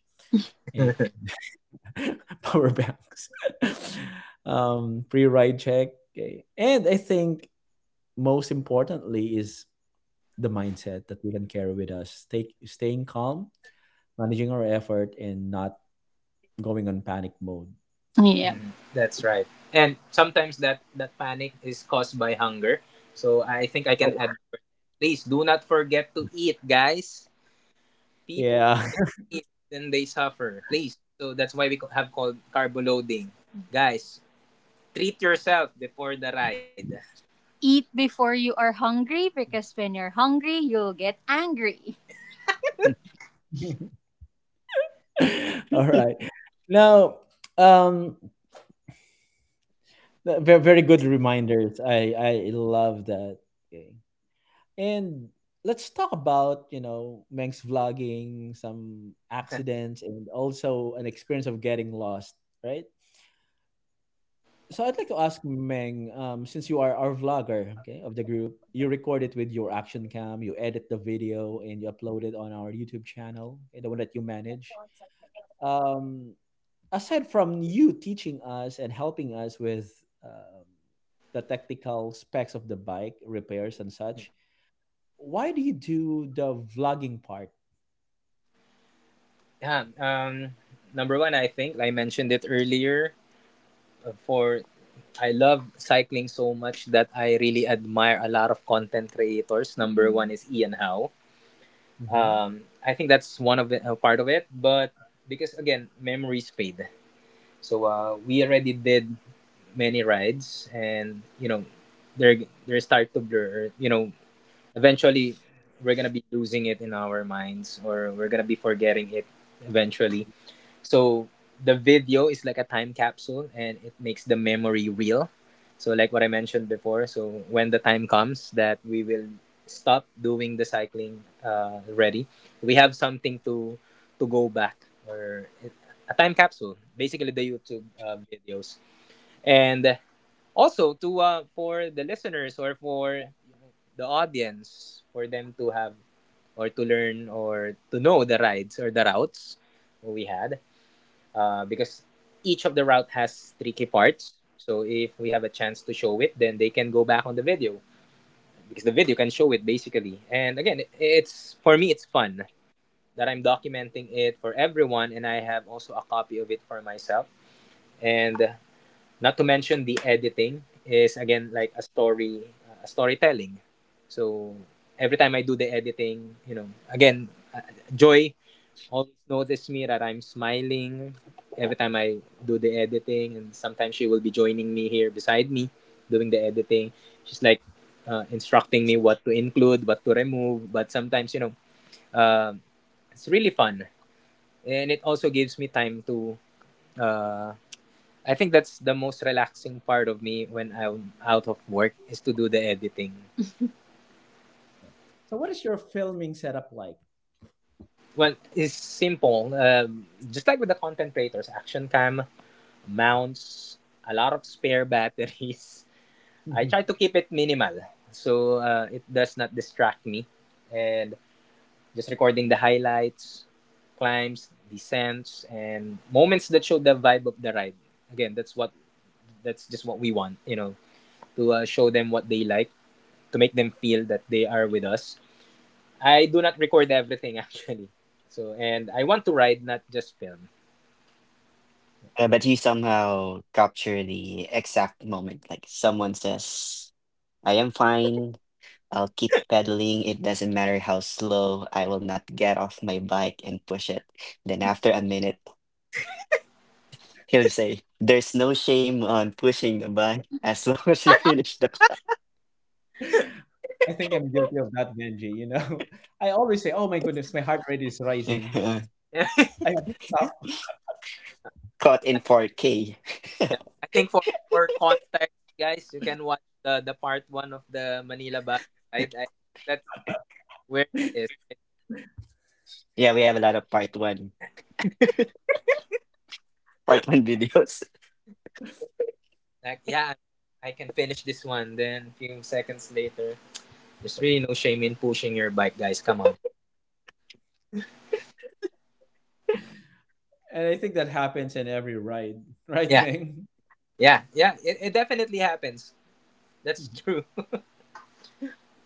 Speaker 1: and [laughs] power banks, [laughs] um, pre ride check. Okay, and I think most importantly is the mindset that we can carry with us, stay, staying calm, managing our effort, and not going on panic mode.
Speaker 2: Yeah. Mm, that's right. And sometimes that that panic is caused by hunger. So I think I
Speaker 1: Oh,
Speaker 2: can add please do not forget to eat, guys. People
Speaker 1: yeah.
Speaker 2: forget to eat, then they suffer. Please. So that's why we co- have called carbo loading. Guys, treat yourself before the ride. Eat before you are hungry because when you're hungry, you'll get angry.
Speaker 1: [laughs] All right.
Speaker 3: [laughs]
Speaker 1: Now, um, very, very good reminders. I, I love that. Okay. And let's talk about, you know, Meng's vlogging, some accidents, and also an experience of getting lost, right? So I'd like to ask Meng, um, since you are our vlogger, okay, of the group, you record it with your action cam, you edit the video, and you upload it on our YouTube channel, okay, the one that you manage. Um, aside from you teaching us and helping us with um, the technical specs of the bike, repairs and such, why do you do the vlogging part?
Speaker 2: Yeah. Um. Number one, I think I mentioned it earlier uh, for I love cycling so much that I really admire a lot of content creators. Number one is Ian Howe.
Speaker 1: Mhm.
Speaker 2: Um, I think that's one of the uh, part of it, but because again, memories fade. So uh, we already did many rides, and you know, they're they start to blur. You know, eventually we're gonna be losing it in our minds, or we're gonna be forgetting it eventually. So the video is like a time capsule and it makes the memory real. So like what I mentioned before, so when the time comes that we will stop doing the cycling uh, ready, we have something to to go back or a time capsule, basically the YouTube uh, videos. And also to uh, for the listeners or for the audience for them to have or to learn or to know the rides or the routes we had uh, because each of the route has tricky parts. So if we have a chance to show it, then they can go back on the video because the video can show it basically. And again, it's for me, it's fun that I'm documenting it for everyone, and I have also a copy of it for myself. And not to mention the editing is again like a story, uh, a storytelling. So every time I do the editing, you know, again, uh, joy always notice me that I'm smiling every time I do the editing, and sometimes she will be joining me here beside me doing the editing. She's like uh, instructing me what to include, what to remove, but sometimes you know um it's really fun, and it also gives me time to. Uh, I think that's the most relaxing part of me when I'm out of work is to do the editing.
Speaker 1: So what is your filming setup like?
Speaker 2: Well, it's simple, um, just like with the content creators, action cam mounts, a lot of spare batteries. [laughs] I try
Speaker 1: [laughs]
Speaker 2: to keep it minimal so uh, it does not distract me. And just recording the highlights, climbs, descents, and moments that show the vibe of the ride. Again, that's what that's just what we want, you know, to uh, show them what they like, to make them feel that they are with us. I do not record everything [laughs] actually. So and I want to ride, not just film.
Speaker 3: Uh, but you somehow capture the exact moment, like someone says, "I am fine, I'll keep pedaling. It doesn't matter how slow. I will not get off my bike and push it." Then after a minute, [laughs] he'll say, "There's no shame on pushing the bike as [laughs] long as you finish the clock."
Speaker 1: I think I'm guilty of that, Benji. You know, [laughs] I always say, "Oh my goodness, my heart rate is rising.
Speaker 3: [laughs]
Speaker 1: I
Speaker 2: [laughs]
Speaker 1: have to stop,"
Speaker 3: Caught in four K.
Speaker 2: Yeah, I think for for context, guys, you can watch the the part one of the Manila Baguio ride.
Speaker 3: [laughs]
Speaker 2: I, that's where it is. Right?
Speaker 3: Yeah, we have a lot of part one, part one [laughs] videos.
Speaker 2: Like, yeah, I can finish this one. Then few seconds later, there's really no shame in pushing your bike, guys. Come on.
Speaker 1: and I think that happens in every ride, [laughs] right,
Speaker 2: Yeah,
Speaker 1: Ming?
Speaker 2: yeah, yeah. It, it definitely happens. That's [laughs] true.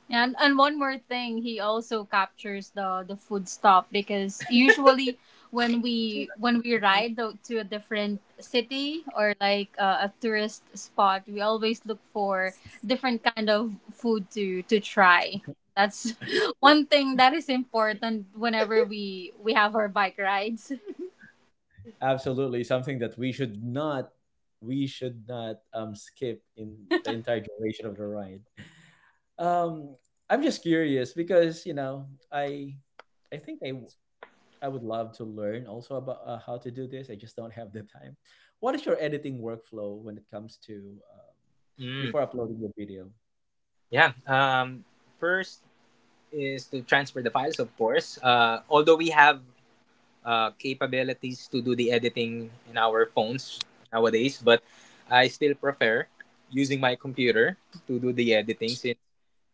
Speaker 2: And and one more thing, he also captures the the food stop because usually [laughs] when we when we ride tho- to a different city or like uh, a tourist spot, we always look for different kind of food to to try. That's [laughs] one thing that is important whenever we we have our bike rides.
Speaker 1: Absolutely, something that we should not, we should not um skip in the entire duration of the ride. Um, I'm just curious because you know, I, I think I I would love to learn also about uh, how to do this. I just don't have the time. What is your editing workflow when it comes to um,
Speaker 2: Mm,
Speaker 1: before uploading your video?
Speaker 2: yeah. Um, first is to transfer the files, of course. Uh, although we have uh, capabilities to do the editing in our phones nowadays, but I still prefer using my computer to do the editing since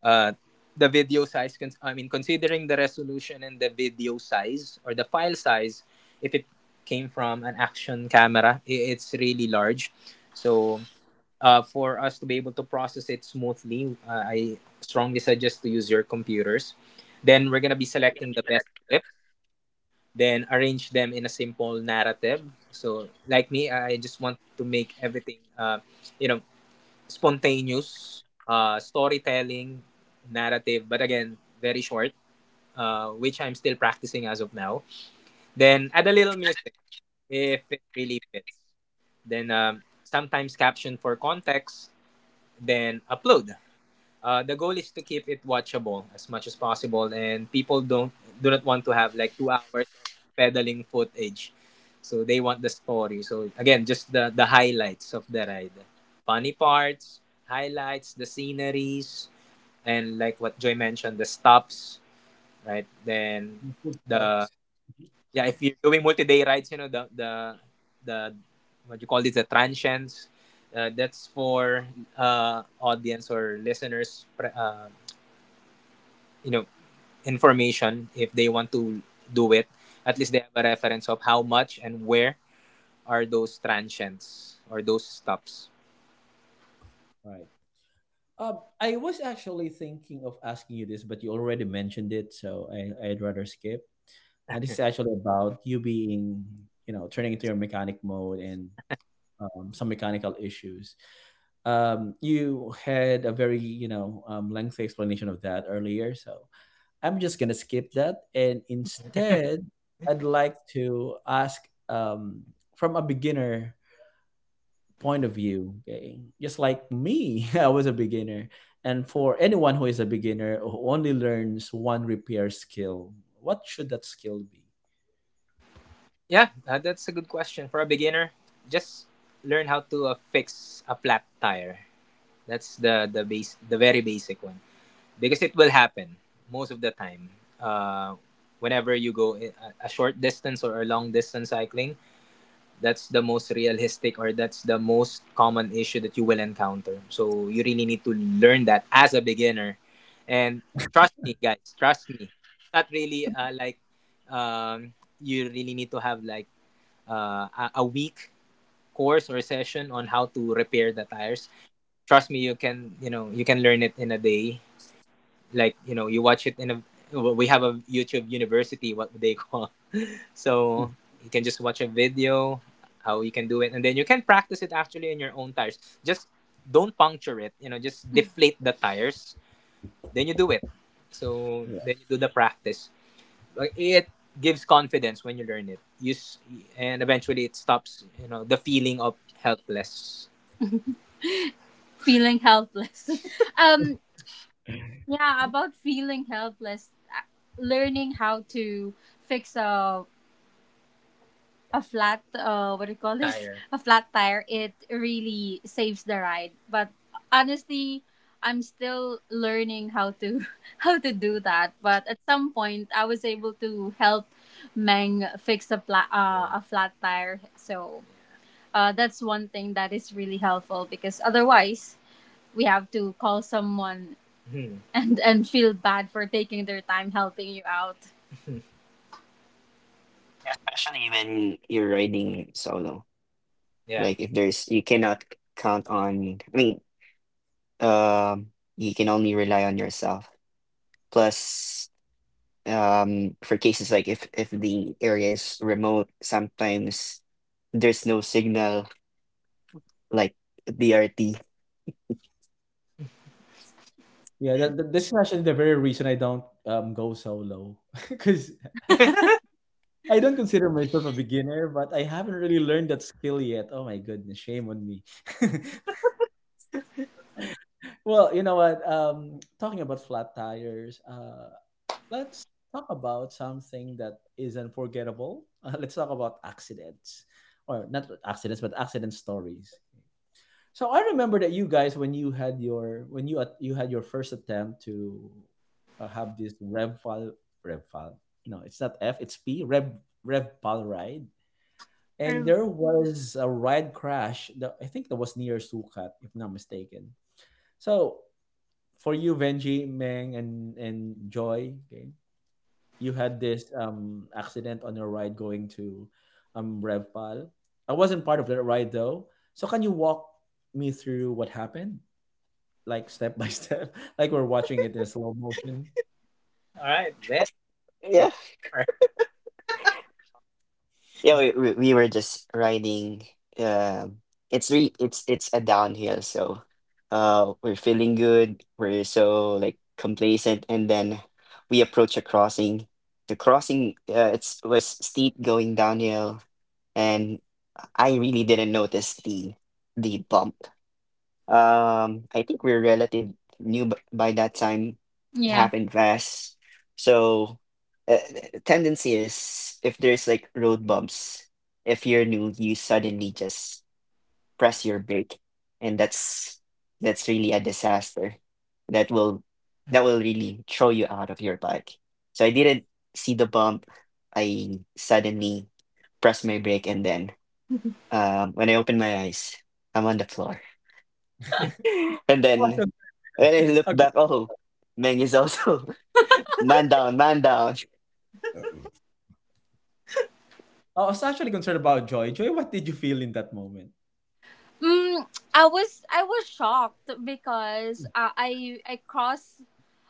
Speaker 2: uh, the video size, cons- I mean, considering the resolution and the video size or the file size, if it came from an action camera, i- it's really large. So uh, for us to be able to process it smoothly, uh, I strongly suggest to use your computers. Then we're going to be selecting the best clips then arrange them in a simple narrative. So, like me, I just want to make everything, uh, you know, spontaneous uh, storytelling, narrative, but again, very short, uh, which I'm still practicing as of now. Then add a little music if it really fits. Then um, sometimes caption for context, then upload. Uh, the goal is to keep it watchable as much as possible, and people don't do not want to have like two hours of pedaling footage. So they want the story. So again, just the the highlights of the ride, funny parts, highlights, the sceneries, and like what Joy mentioned, the stops, right? Then
Speaker 1: The food
Speaker 2: the
Speaker 1: stuffs. Mhm.
Speaker 2: yeah, if you're doing multi-day rides, you know the the the what you call it, the transients. Uh, that's for uh, audience or listeners pre- uh, you know information if they want to do it, at least they have a reference of how much and where are those transients or those stops.
Speaker 1: Right. Um, I was actually thinking of asking you this, but you already mentioned it, so I, I'd rather skip. Uh, this is actually about you being, you know, turning into your mechanic mode and um, some mechanical issues. um, you had a very you know um, lengthy explanation of that earlier, so I'm just gonna skip that, and instead I'd like to ask, um, from a beginner point of view, okay, just like me. [laughs] I was a beginner, and for anyone who is a beginner who only learns one repair skill, what should that skill be?
Speaker 2: Yeah, uh, that's a good question. For a beginner, just learn how to uh, fix a flat tire. That's the the base, the very basic one, because it will happen most of the time uh, whenever you go i- a a short distance or a long distance cycling. That's the most realistic or that's the most common issue that you will encounter. So you really need to learn that as a beginner. And trust me, guys, trust me. Not really uh, like um, you really need to have like uh, a, a week course or session on how to repair the tires. Trust me, you can, you know, you can learn it in a day. Like, you know, you watch it in a, we have a YouTube University what they [laughs] call. So you can just watch a video how you can do it, and then you can practice it actually in your own tires. Just don't puncture it, you know, just deflate the tires, then you do it. So then you do the practice. Like, it gives confidence when you learn it. Use and eventually it stops, you know, the feeling of helpless. Feeling helpless. [laughs] Um, yeah, about feeling helpless, learning how to fix a a flat, uh what do you call this Tire. A flat tire, it really saves the ride, but honestly, I'm still learning how to [laughs] how to do that, but at some point I was able to help Meng fix a, pla- uh, a flat tire. So uh, that's one thing that is really helpful because otherwise we have to call someone. Hmm. and and feel bad for taking their time helping you out.
Speaker 3: Yeah, especially when you're riding solo.
Speaker 2: Yeah.
Speaker 3: Like if there's, you cannot count on. I mean, um, you can only rely on yourself. Plus, um for cases like if if the area is remote, sometimes there's no signal, like B R T.
Speaker 1: Yeah, that, that this actually the very reason I don't um go solo [laughs] because I don't consider myself a beginner, but I haven't really learned that skill yet. Oh my goodness, shame on me. [laughs] Well, you know what? Um, talking about flat tires, uh, let's talk about something that is unforgettable. Uh, let's talk about accidents, or not accidents, but accident stories. So I remember that you guys when you had your when you at- you had your first attempt to uh, have this rev file rev file. No, it's not F, it's P rev rev file ride. And
Speaker 2: Or-
Speaker 1: there was a ride crash that I think that was near Sukat, if not mistaken. So for you, Venji, Meng, and and Joy, okay, you had this um accident on your ride going to um Revpal. I wasn't part of that ride though. So can you walk me through what happened? Like step by step, [laughs] like we're watching it in slow motion.
Speaker 2: All right, then.
Speaker 3: yeah
Speaker 2: Take the floor.
Speaker 3: yeah we, we, we were just riding, um it's re it's it's a downhill, so uh we're feeling good, we're so like complacent, and then we approach a crossing. The crossing, uh, it's was steep going downhill, and I really didn't notice the the bump. Um, I think we're relative new b- by that time. It
Speaker 2: Yeah.
Speaker 3: happened fast. So, uh, the tendency is if there's like road bumps, if you're new, you suddenly just press your brake, and that's that's really a disaster. That will that will really throw you out of your bike. So I didn't see the bump. I suddenly pressed my brake, and then um, when I opened my eyes, I'm on the floor. And
Speaker 1: [laughs]
Speaker 3: then when I look
Speaker 1: Okay.
Speaker 3: back, oh, Meng is also [laughs] man down, man down.
Speaker 1: I was actually concerned about Joy. Joy, what did you feel in that moment?
Speaker 2: Mm, I was, I was shocked because uh, I I crossed.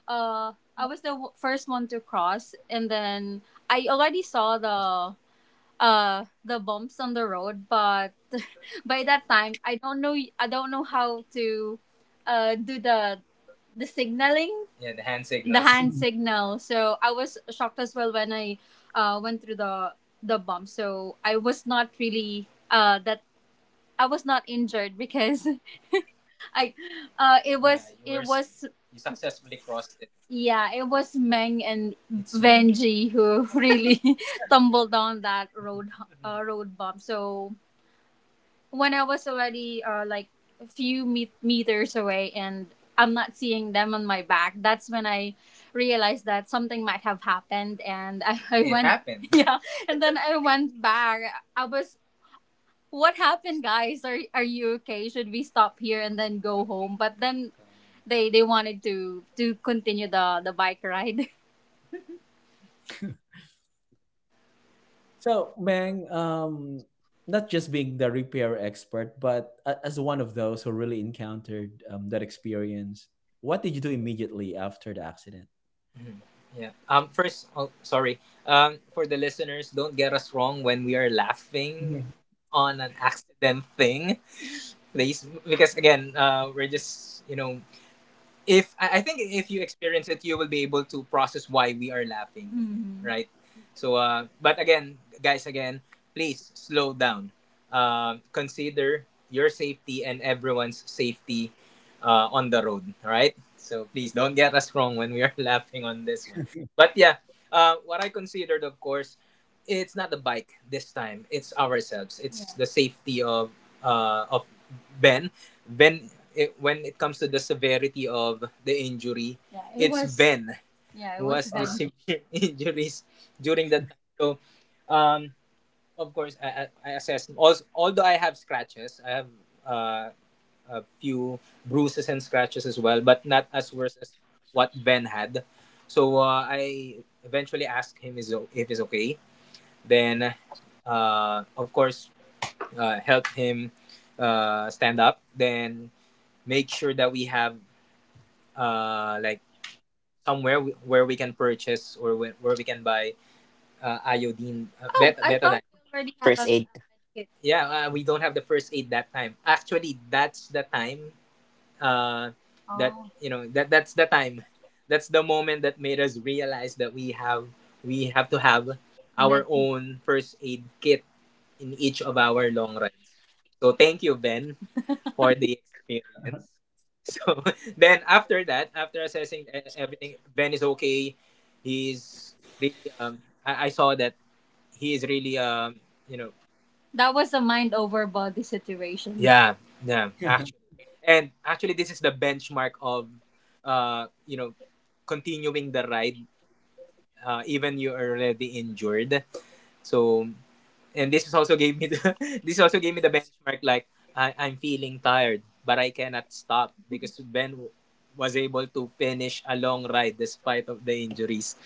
Speaker 2: Uh, I was the w- first one to cross, and then I already saw the uh the bumps on the road. But [laughs] by that time, I don't know. I don't know how to uh do the the signaling. Yeah, the hand signal. The hand
Speaker 1: Mm.
Speaker 2: signal. So I was shocked as well when I uh went through the the bump. So I was not really uh that, I was not injured because [laughs] I, uh, it was, yeah, it were was. You successfully crossed it. Yeah, it was Meng and, it's Benji who really [laughs] tumbled down that road [laughs] uh, road bump. So when I was already uh, like a few me- meters away and I'm not seeing them on my back, that's when I realized that something might have happened, and I, I. It went happened. [laughs] Yeah, and then I went back. I was, what happened, guys? are are you okay? Should we stop here and then go home? But then they they wanted to to continue the the bike ride. [laughs]
Speaker 1: So, Mang, um, not just being the repair expert, but a- as one of those who really encountered um, that experience, what did you do immediately after the accident?
Speaker 2: Mhm. Yeah. Um. First, oh, sorry. Um. For the listeners, don't get us wrong when we are laughing
Speaker 1: Yeah.
Speaker 2: on an accident thing. Please, because again, uh, we're just, you know, if I I think if you experience it, you will be able to process why we are laughing, mhm, right? So, uh, but again, guys, again, please slow down. Uh, consider your safety and everyone's safety uh, on the road, all right? So please don't get us wrong when we are [laughs] laughing on this one. But yeah, uh, what I considered, of course, it's not the bike this time. It's ourselves. It's, yeah, the safety of uh, of Ben. When it, when it comes to the severity of the injury, yeah, it it's was. Ben. Yeah, it who was has Ben. The Ben. Severe [laughs] injuries during that time. So, um, of course, I, I, I assessed. Also, although I have scratches, I have uh, a few bruises and scratches as well, but not as worse as what Ben had. So uh, I eventually asked him is o- if he's okay. Then, uh, of course, uh, helped him uh, stand up. Then make sure that we have uh, like somewhere we, where we can purchase or where, where we can buy uh, iodine uh. Oh, bet- I thought betaline. We already have a,
Speaker 3: First aid.
Speaker 2: a med kit. Yeah, uh, we don't have the first aid that time. Actually, that's the time uh, that, oh, you know, that, that's the time. That's the moment that made us realize that we have, we have to have our Med, our own first aid kit in each of our long rides. So thank you, Ben, for the experience. [laughs] So then after that, after assessing e- everything, Ben is okay. He's really um, I, I saw that he is really um, you know, that was a mind over body situation. Yeah, yeah,
Speaker 1: [laughs]
Speaker 2: actually, and actually this is the benchmark of uh you know continuing the ride uh, even you are already injured. So and this is also gave me the [laughs] this also gave me the benchmark like I, I'm feeling tired but I cannot stop because Ben w- was able to finish a long ride despite of the injuries.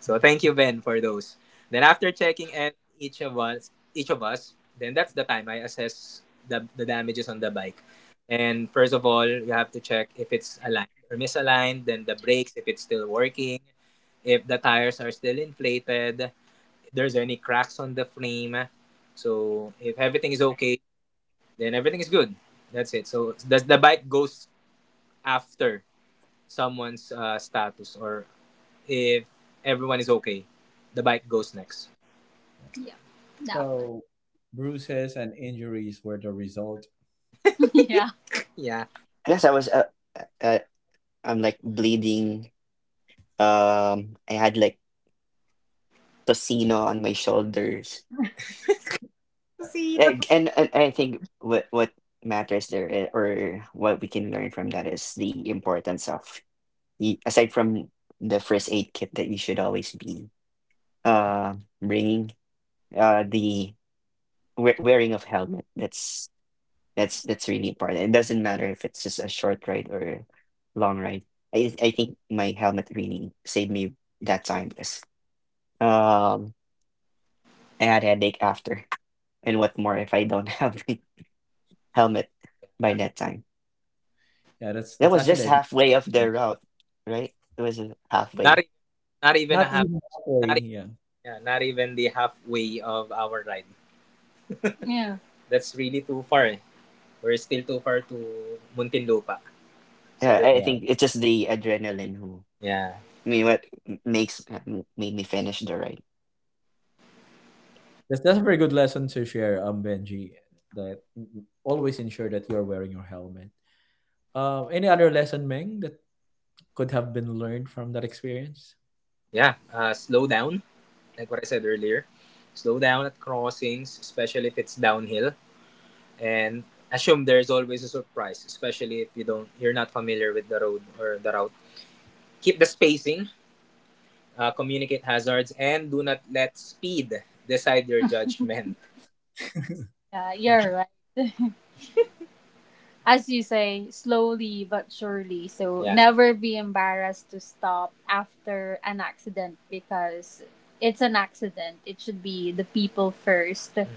Speaker 2: So
Speaker 1: Mhm.
Speaker 2: thank you Ben for those. Then after checking, and each of us each of us, then that's the time I assess the, the damages on the bike. And first of all you have to check if it's aligned or misaligned, then the brakes if it's still working, if the tires are still inflated, there's any cracks on the frame. So if everything is okay, then everything is good. That's it. So the, the bike goes after someone's uh, status, or if everyone is okay, the bike goes next.
Speaker 1: Yeah.
Speaker 2: Yeah, that one.
Speaker 1: So, bruises and injuries were the result.
Speaker 2: [laughs] Yeah. Yeah.
Speaker 3: I guess I was uh, uh, uh, I'm like bleeding. Um, I had like tocino on my shoulders,
Speaker 2: Sino?
Speaker 3: and and, and I think what what matters there, i- or what we can learn from that, is the importance of, y- aside from the first aid kit that you should always be uh bringing, uh the we- wearing of helmet. That's That's that's really important. It doesn't matter if it's just a short ride or a long ride. I I think my helmet really saved me that time, because um I had headache after. And what more if I don't have [laughs] helmet
Speaker 2: Uh,
Speaker 3: by that time?
Speaker 1: Yeah, that's
Speaker 3: That
Speaker 1: that's
Speaker 3: was just
Speaker 1: actually a,
Speaker 3: halfway of the route, right? It was just
Speaker 2: not
Speaker 3: halfway.
Speaker 2: even, not even a
Speaker 1: not
Speaker 2: half,
Speaker 1: even halfway.
Speaker 2: not even,
Speaker 1: Yeah,
Speaker 2: yeah, not even the halfway of our ride. Yeah. That's really too far. Eh. We're still too far to Muntinlupa. So
Speaker 3: Yeah,
Speaker 2: that,
Speaker 3: I I
Speaker 1: yeah.
Speaker 3: think it's just the adrenaline who
Speaker 2: yeah.
Speaker 3: I mean what m- makes uh, m- made me finish the ride.
Speaker 1: That's that's a very good lesson to share, um, Benji. That mm, mm, always ensure that you're wearing your helmet. Um, any other lesson, Meng, that could have been learned from that experience?
Speaker 2: Yeah. Uh, slow down, like what I said earlier, slow down at crossings, especially if it's downhill, and assume there's always a surprise, especially if you don't, you're not familiar with the road or the route. Keep the spacing, uh, communicate hazards, and do not let speed decide your judgment. [laughs] Yeah, you're as you say, slowly but surely. So yeah, never be embarrassed to stop after an accident because it's an accident. It should be the people first, mm.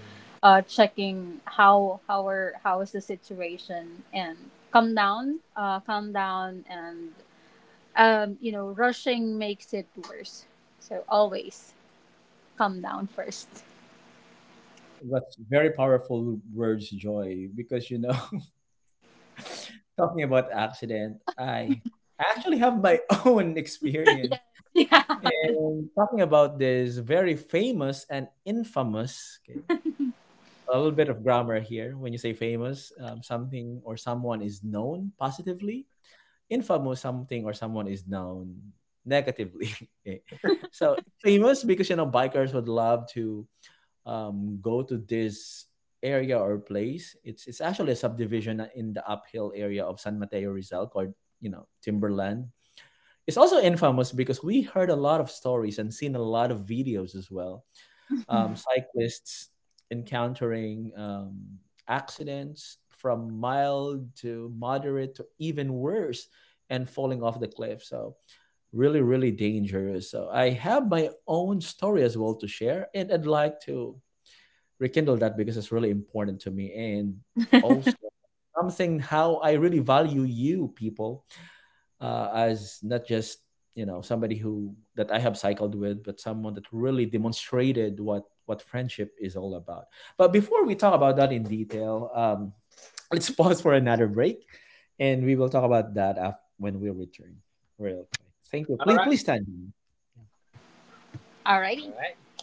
Speaker 2: Uh, checking how how are, how is the situation and calm down, uh, calm down, and um, you know, rushing makes it worse. So always calm down first.
Speaker 1: That's very powerful words, Joy, because you know, [laughs] talking about accident, I actually have my [laughs] own
Speaker 2: [laughs]
Speaker 1: experience.
Speaker 2: Yes. Yeah.
Speaker 1: And talking about this very famous and infamous, okay, a little bit of grammar here. When you say famous, um, something or someone is known positively. Infamous, something or someone is known negatively. [laughs] Okay. So famous because you know bikers would love to um, go to this area or place. It's it's actually a subdivision in the uphill area of San Mateo Rizal called you know Timberland. It's also infamous because we heard a lot of stories and seen a lot of videos as well, um, cyclists encountering um, accidents from mild to moderate to even worse and falling off the cliff. So, really, really dangerous. So, I have my own story as well to share, and I'd like to rekindle that because it's really important to me, and also something how I really value you people uh, as not just you know somebody who that I have cycled with, but someone that really demonstrated what what friendship is all about. But before we talk about that in detail, um, [laughs] let's pause for another break, and we will talk about that af- when we return, real quick. Thank you.
Speaker 2: All
Speaker 1: Please,
Speaker 2: right.
Speaker 1: please stand.
Speaker 2: Alrighty. All right.